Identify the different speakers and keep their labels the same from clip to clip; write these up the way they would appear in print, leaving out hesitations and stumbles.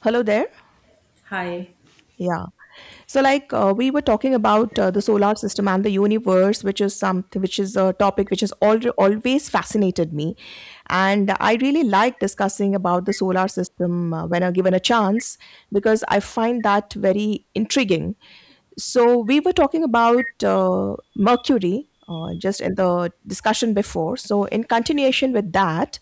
Speaker 1: Hello there.
Speaker 2: Hi.
Speaker 1: Yeah. So, like we were talking about the solar system and the universe, which is something, which is a topic which has always fascinated me, and I really like discussing about the solar system when I'm given a chance because I find that very intriguing. So, we were talking about Mercury. Just in the discussion before. So, in continuation with that,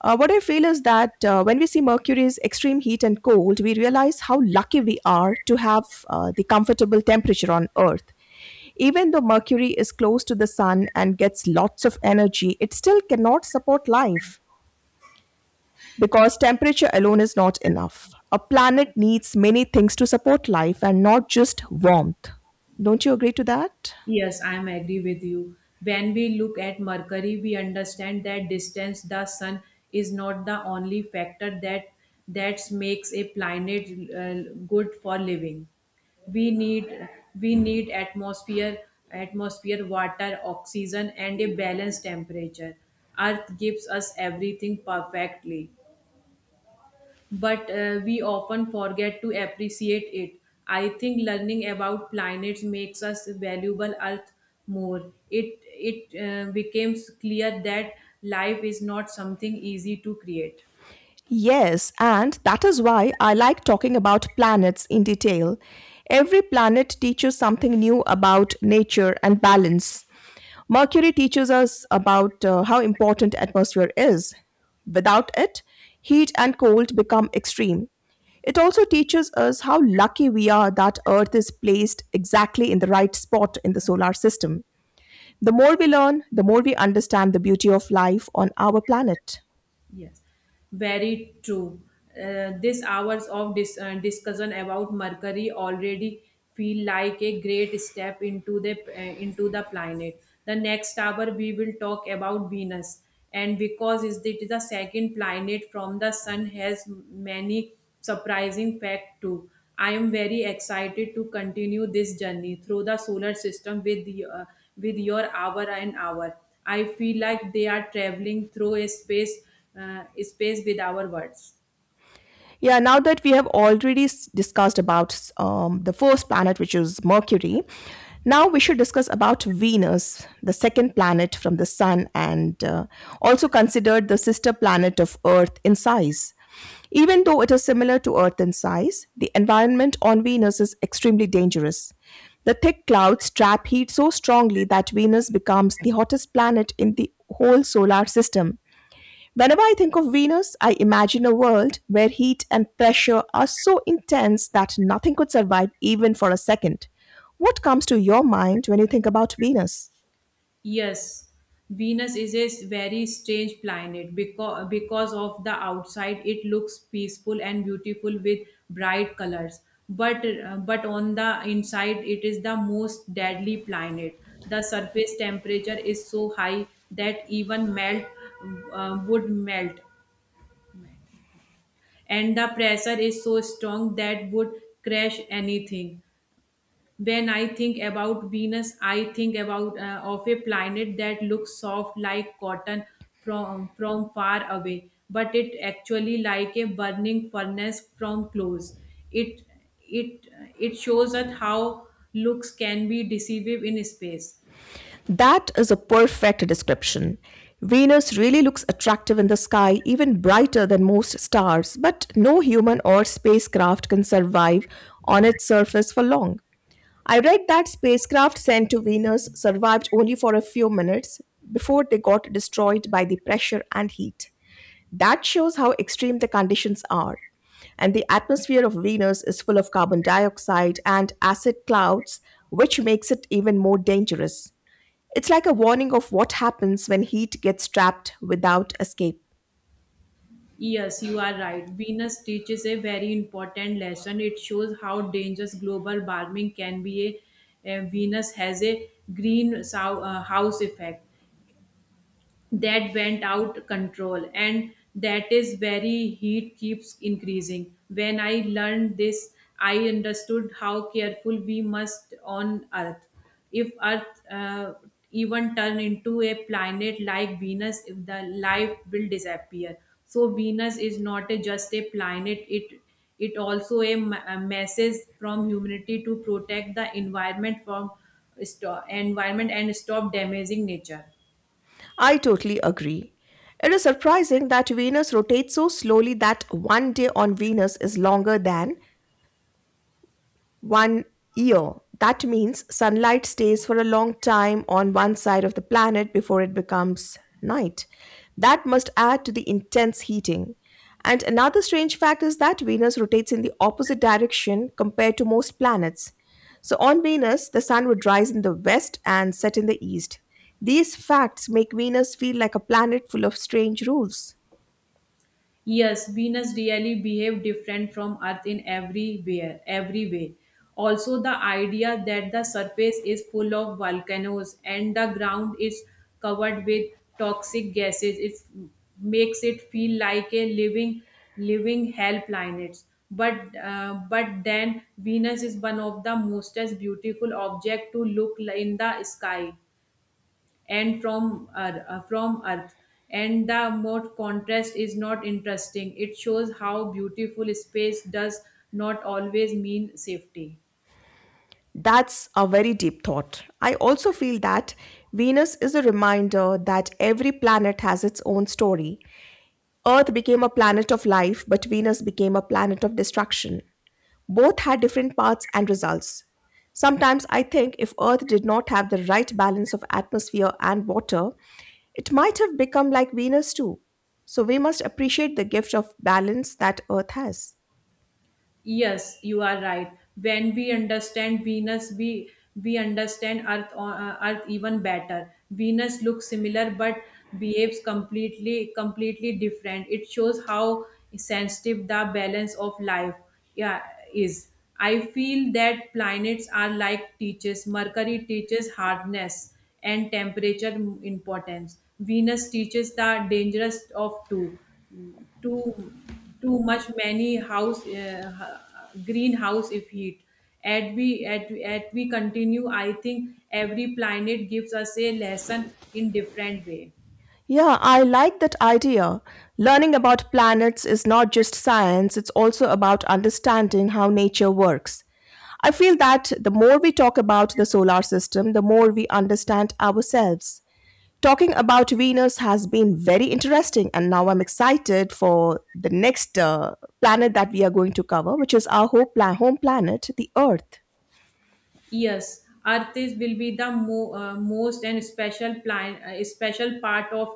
Speaker 1: What I feel is that when we see Mercury's extreme heat and cold, we realize how lucky we are to have the comfortable temperature on Earth. Even though Mercury is close to the sun and gets lots of energy, it still cannot support life because temperature alone is not enough. A planet needs many things to support life and not just warmth. Don't you agree to that?
Speaker 2: Yes, I am agree with you. When we look at Mercury, we understand that distance the sun is not the only factor that makes a planet good for living. We need we need atmosphere, atmosphere, water, oxygen, and a balanced temperature. Earth gives us everything perfectly. But we often forget to appreciate it. I think learning about planets makes us valuable Earth more. It becomes clear that life is not something easy to create.
Speaker 1: Yes, and that is why I like talking about planets in detail. Every planet teaches something new about nature and balance. Mercury teaches us about how important atmosphere is. Without it, heat and cold become extreme. It also teaches us how lucky we are that Earth is placed exactly in the right spot in the solar system. The more we learn, the more we understand the beauty of life on our planet.
Speaker 2: Yes, very true. This hours of discussion about Mercury already feel like a great step into the planet. The next hour we will talk about Venus, and because it is the second planet from the Sun, has many surprising fact too. I am very excited to continue this journey through the solar system with with your hour and hour. I feel like they are traveling through a space space with our words.
Speaker 1: Yeah, now that we have already discussed about the first planet, which is Mercury, now we should discuss about Venus, the second planet from the Sun, and also considered the sister planet of Earth in size. Even though it is similar to Earth in size, the environment on Venus is extremely dangerous. The thick clouds trap heat so strongly that Venus becomes the hottest planet in the whole solar system. Whenever I think of Venus, I imagine a world where heat and pressure are so intense that nothing could survive even for a second. What comes to your mind when you think about Venus?
Speaker 2: Yes, Venus is a very strange planet because of the outside it looks peaceful and beautiful with bright colors. But on the inside, it is the most deadly planet. The surface temperature is so high that even melt would melt, and the pressure is so strong that would crash anything. When I think about Venus, I think about of a planet that looks soft like cotton from far away, but it actually like a burning furnace from close. It it it shows us how looks can be deceive in space.
Speaker 1: That is a perfect description. Venus really looks attractive in the sky, even brighter than most stars, but no human or spacecraft can survive on its surface for long. I read that spacecraft sent to Venus survived only for a few minutes before they got destroyed by the pressure and heat. That shows how extreme the conditions are. And the atmosphere of Venus is full of carbon dioxide and acid clouds, which makes it even more dangerous. It's like a warning of what happens when heat gets trapped without escape.
Speaker 2: Yes, you are right. Venus teaches a very important lesson. It shows how dangerous global warming can be. A Venus has a green house effect. That went out control and that is very heat keeps increasing. When I learned this, I understood how careful we must on Earth. If Earth even turn into a planet like Venus, if the life will disappear. So Venus is not a, just a planet, it also a, a message from humanity to protect the environment from environment and stop damaging nature.
Speaker 1: I totally agree. It is surprising that Venus rotates so slowly that one day on Venus is longer than one year. That means sunlight stays for a long time on one side of the planet before it becomes night. That must add to the intense heating. And another strange fact is that Venus rotates in the opposite direction compared to most planets. So on Venus, the sun would rise in the west and set in the east. These facts make Venus feel like a planet full of strange rules.
Speaker 2: Yes, Venus really behave different from Earth in everywhere, every way. Also, the idea that the surface is full of volcanoes and the ground is covered with toxic gases, it makes it feel like a living, living hell planet. But then Venus is one of the most beautiful object to look in the sky and from from earth, and the moat contrast is not interesting. It shows how beautiful space does not always mean safety.
Speaker 1: That's a very deep thought. I also feel that Venus is a reminder that every planet has its own story. Earth became a planet of life, but Venus became a planet of destruction. Both had different paths and results. Sometimes I think if Earth did not have the right balance of atmosphere and water, it might have become like Venus too. So we must appreciate the gift of balance that Earth has.
Speaker 2: Yes, you are right. When we understand Venus, we understand Earth Earth even better. Venus looks similar but behaves completely different. It shows how sensitive the balance of life, yeah, is. I feel that planets are like teachers. Mercury teaches hardness and temperature importance. Venus teaches the dangerous of two, two too much many house greenhouse if heat. As we at we continue, I think every planet gives us a lesson in different way.
Speaker 1: Yeah, I like that idea. Learning about planets is not just science, it's also about understanding how nature works. I feel that the more we talk about the solar system, the more we understand ourselves. Talking about Venus has been very interesting, and now I'm excited for the next planet that we are going to cover, which is our home, home planet, the Earth.
Speaker 2: Yes, Earth is will be the most and special plan, special part of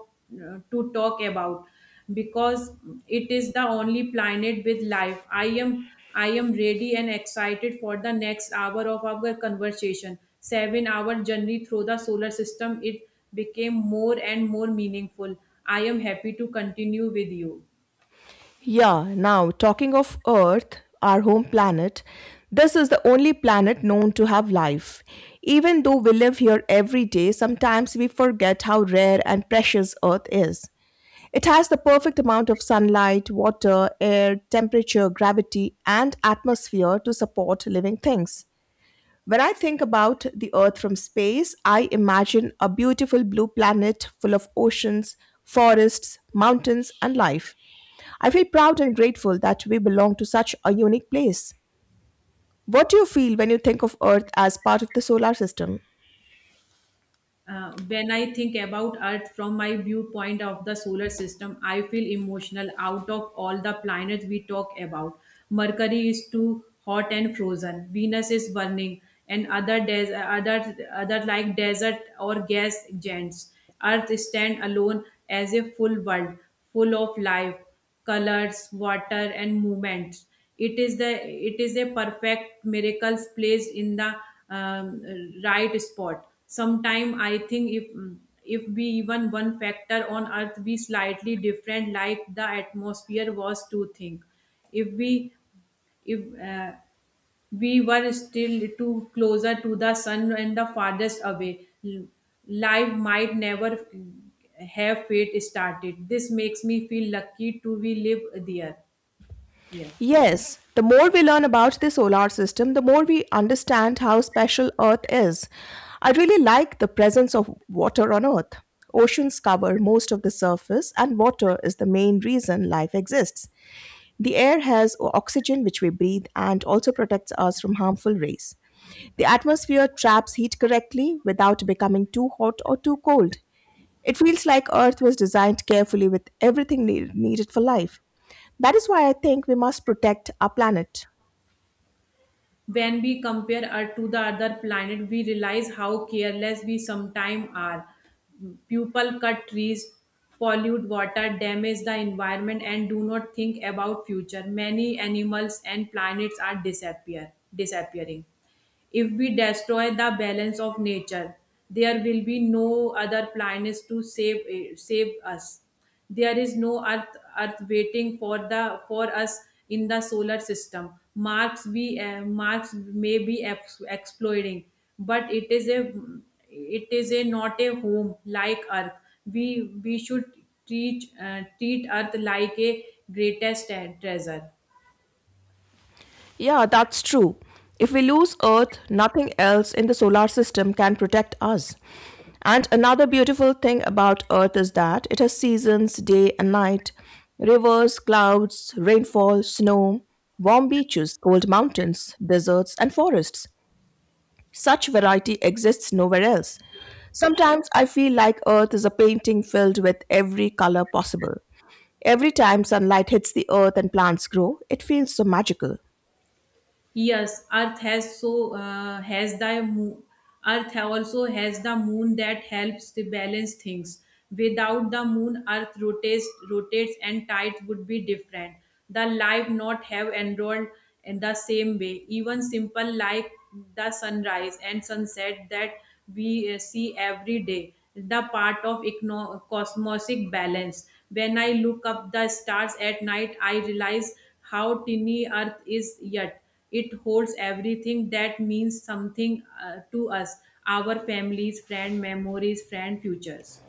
Speaker 2: to talk about because it is the only planet with life. I am ready and excited for the next hour of our conversation. 7 hour journey through the solar system. It became more and more meaningful. I am happy to continue with you.
Speaker 1: Yeah, now talking of Earth, our home planet, this is the only planet known to have life. Even though we live here every day, sometimes we forget how rare and precious Earth is. It has the perfect amount of sunlight, water, air, temperature, gravity, and atmosphere to support living things. When I think about the Earth from space, I imagine a beautiful blue planet full of oceans, forests, mountains, and life. I feel proud and grateful that we belong to such a unique place. What do you feel when you think of Earth as part of the solar system?
Speaker 2: When I think about Earth from my viewpoint of the solar system, I feel emotional out of all the planets we talk about. Mercury is too hot and frozen. Venus is burning, and other other like desert or gas giants. Earth stand alone as a full world, full of life colors, water, and movements. It is a perfect miracles placed in the um, right spot. Sometime I think if we even one factor on Earth be slightly different, like the atmosphere was to think, if we if we were still too closer to the sun and the farthest away. Life might never have fate started. This makes me feel lucky to we live there here.
Speaker 1: Yes, the more we learn about the solar system, the more we understand how special Earth is. I really like the presence of water on Earth. Oceans cover most of the surface, and water is the main reason life exists. The air has oxygen, which we breathe, and also protects us from harmful rays. The atmosphere traps heat correctly without becoming too hot or too cold. It feels like Earth was designed carefully with everything needed for life. That is why I think we must protect our planet.
Speaker 2: When we compare Earth to the other planet, we realize how careless we sometimes are. People cut trees, pollute water, damage the environment, and do not think about future. Many animals and planets are disappear disappearing. If we destroy the balance of nature, there will be no other planet to save save us. There is no earth waiting for us in the solar system. Mars may be exploring, but it is a not a home like Earth. We we should treat treat Earth like a greatest treasure.
Speaker 1: Yeah, that's true. If we lose Earth, nothing else in the solar system can protect us. And another beautiful thing about Earth is that it has seasons, day and night, rivers, clouds, rainfall, snow, warm beaches, cold mountains, deserts, and forests. Such variety exists nowhere else. Sometimes I feel like Earth is a painting filled with every color possible. Every time sunlight hits the earth and plants grow, it feels so magical.
Speaker 2: Yes, Earth has so has the moon. Earth also has the moon that helps to balance things. Without the moon, Earth rotates, and tides would be different. The life not have enrolled in the same way. Even simple like the sunrise and sunset that we see every day, the part of cosmosic balance. When I look up the stars at night, I realize how tiny Earth is yet it holds everything that means something to us, our families friend memories friend futures.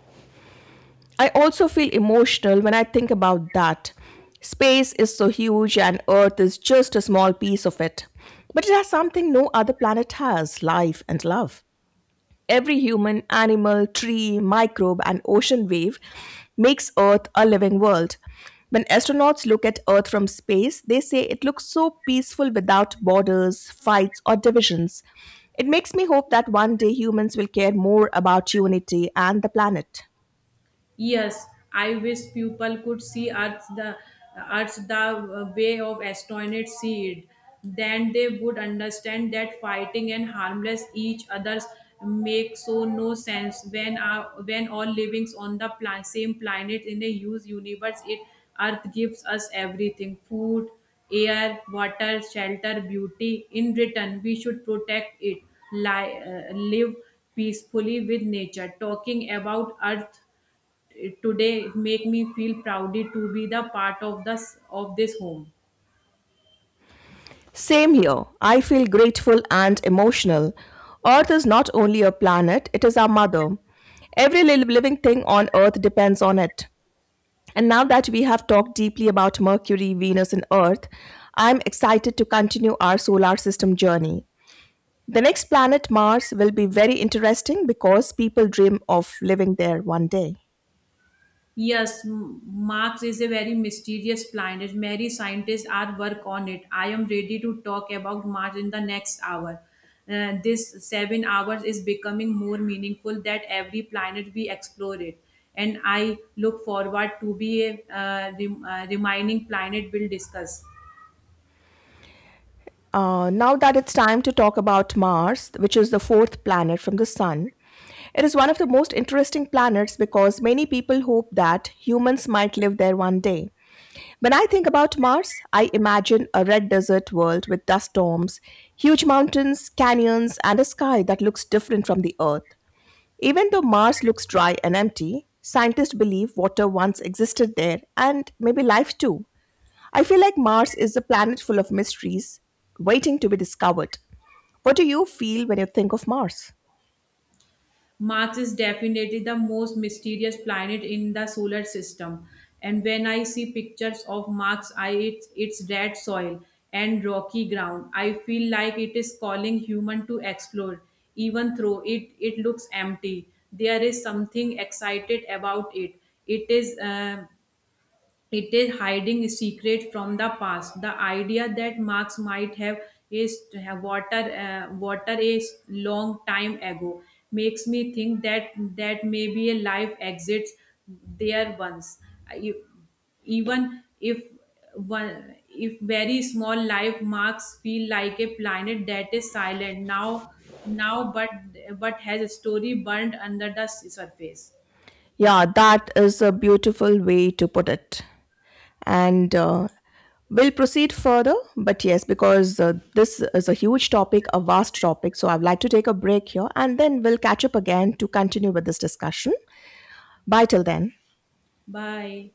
Speaker 1: I also feel emotional when I think about that. Space is so huge and Earth is just a small piece of it. But it has something no other planet has: life and love. Every human, animal, tree, microbe, and ocean wave makes Earth a living world. When astronauts look at Earth from space, they say it looks so peaceful without borders, fights, or divisions. It makes me hope that one day humans will care more about unity and the planet.
Speaker 2: Yes, I wish people could see Earth the way of astronauts see it. Then they would understand that fighting and harmless each others make so no sense when when all livings on the same planet in a huge universe. It Earth gives us everything: food, air, water, shelter, beauty. In return, we should protect it, live peacefully with nature. Talking about Earth it today make me feel proudly to be the part of this home.
Speaker 1: Same here. I feel grateful and emotional. Earth is not only a planet, it is our mother. Every living thing on Earth depends on it. And now that we have talked deeply about Mercury, Venus, and Earth, I'm excited to continue our solar system journey. The next planet, Mars, will be very interesting because people dream of living there one day.
Speaker 2: Yes, Marx is a very mysterious planet. Many scientists are work on it. I am ready to talk about Mars in the next hour. This 7 hours is becoming more meaningful that every planet we explore it. And I look forward to be a remaining planet we'll discuss.
Speaker 1: Now that it's time to talk about Mars, which is the fourth planet from the Sun, it is one of the most interesting planets because many people hope that humans might live there one day. When I think about Mars, I imagine a red desert world with dust storms, huge mountains, canyons, and a sky that looks different from the Earth. Even though Mars looks dry and empty, scientists believe water once existed there and maybe life too. I feel like Mars is a planet full of mysteries waiting to be discovered. What do you feel when you think of Mars?
Speaker 2: Mars is definitely the most mysterious planet in the solar system. And when I see pictures of Mars, I its red soil and rocky ground, I feel like it is calling human to explore. Even though it looks empty, there is something excited about it. It is uh, it is hiding a secret from the past. The idea that Marx might have is to have water, water is long time ago makes me think that maybe a life exists there once. I- Even if one, if very small life marks feel like a planet that is silent now, but has a story burned under the surface.
Speaker 1: Yeah, that is a beautiful way to put it. And We'll proceed further, but yes, because this is a huge topic, a vast topic, so I'd like to take a break here and then we'll catch up again to continue with this discussion. Bye till then.
Speaker 2: Bye.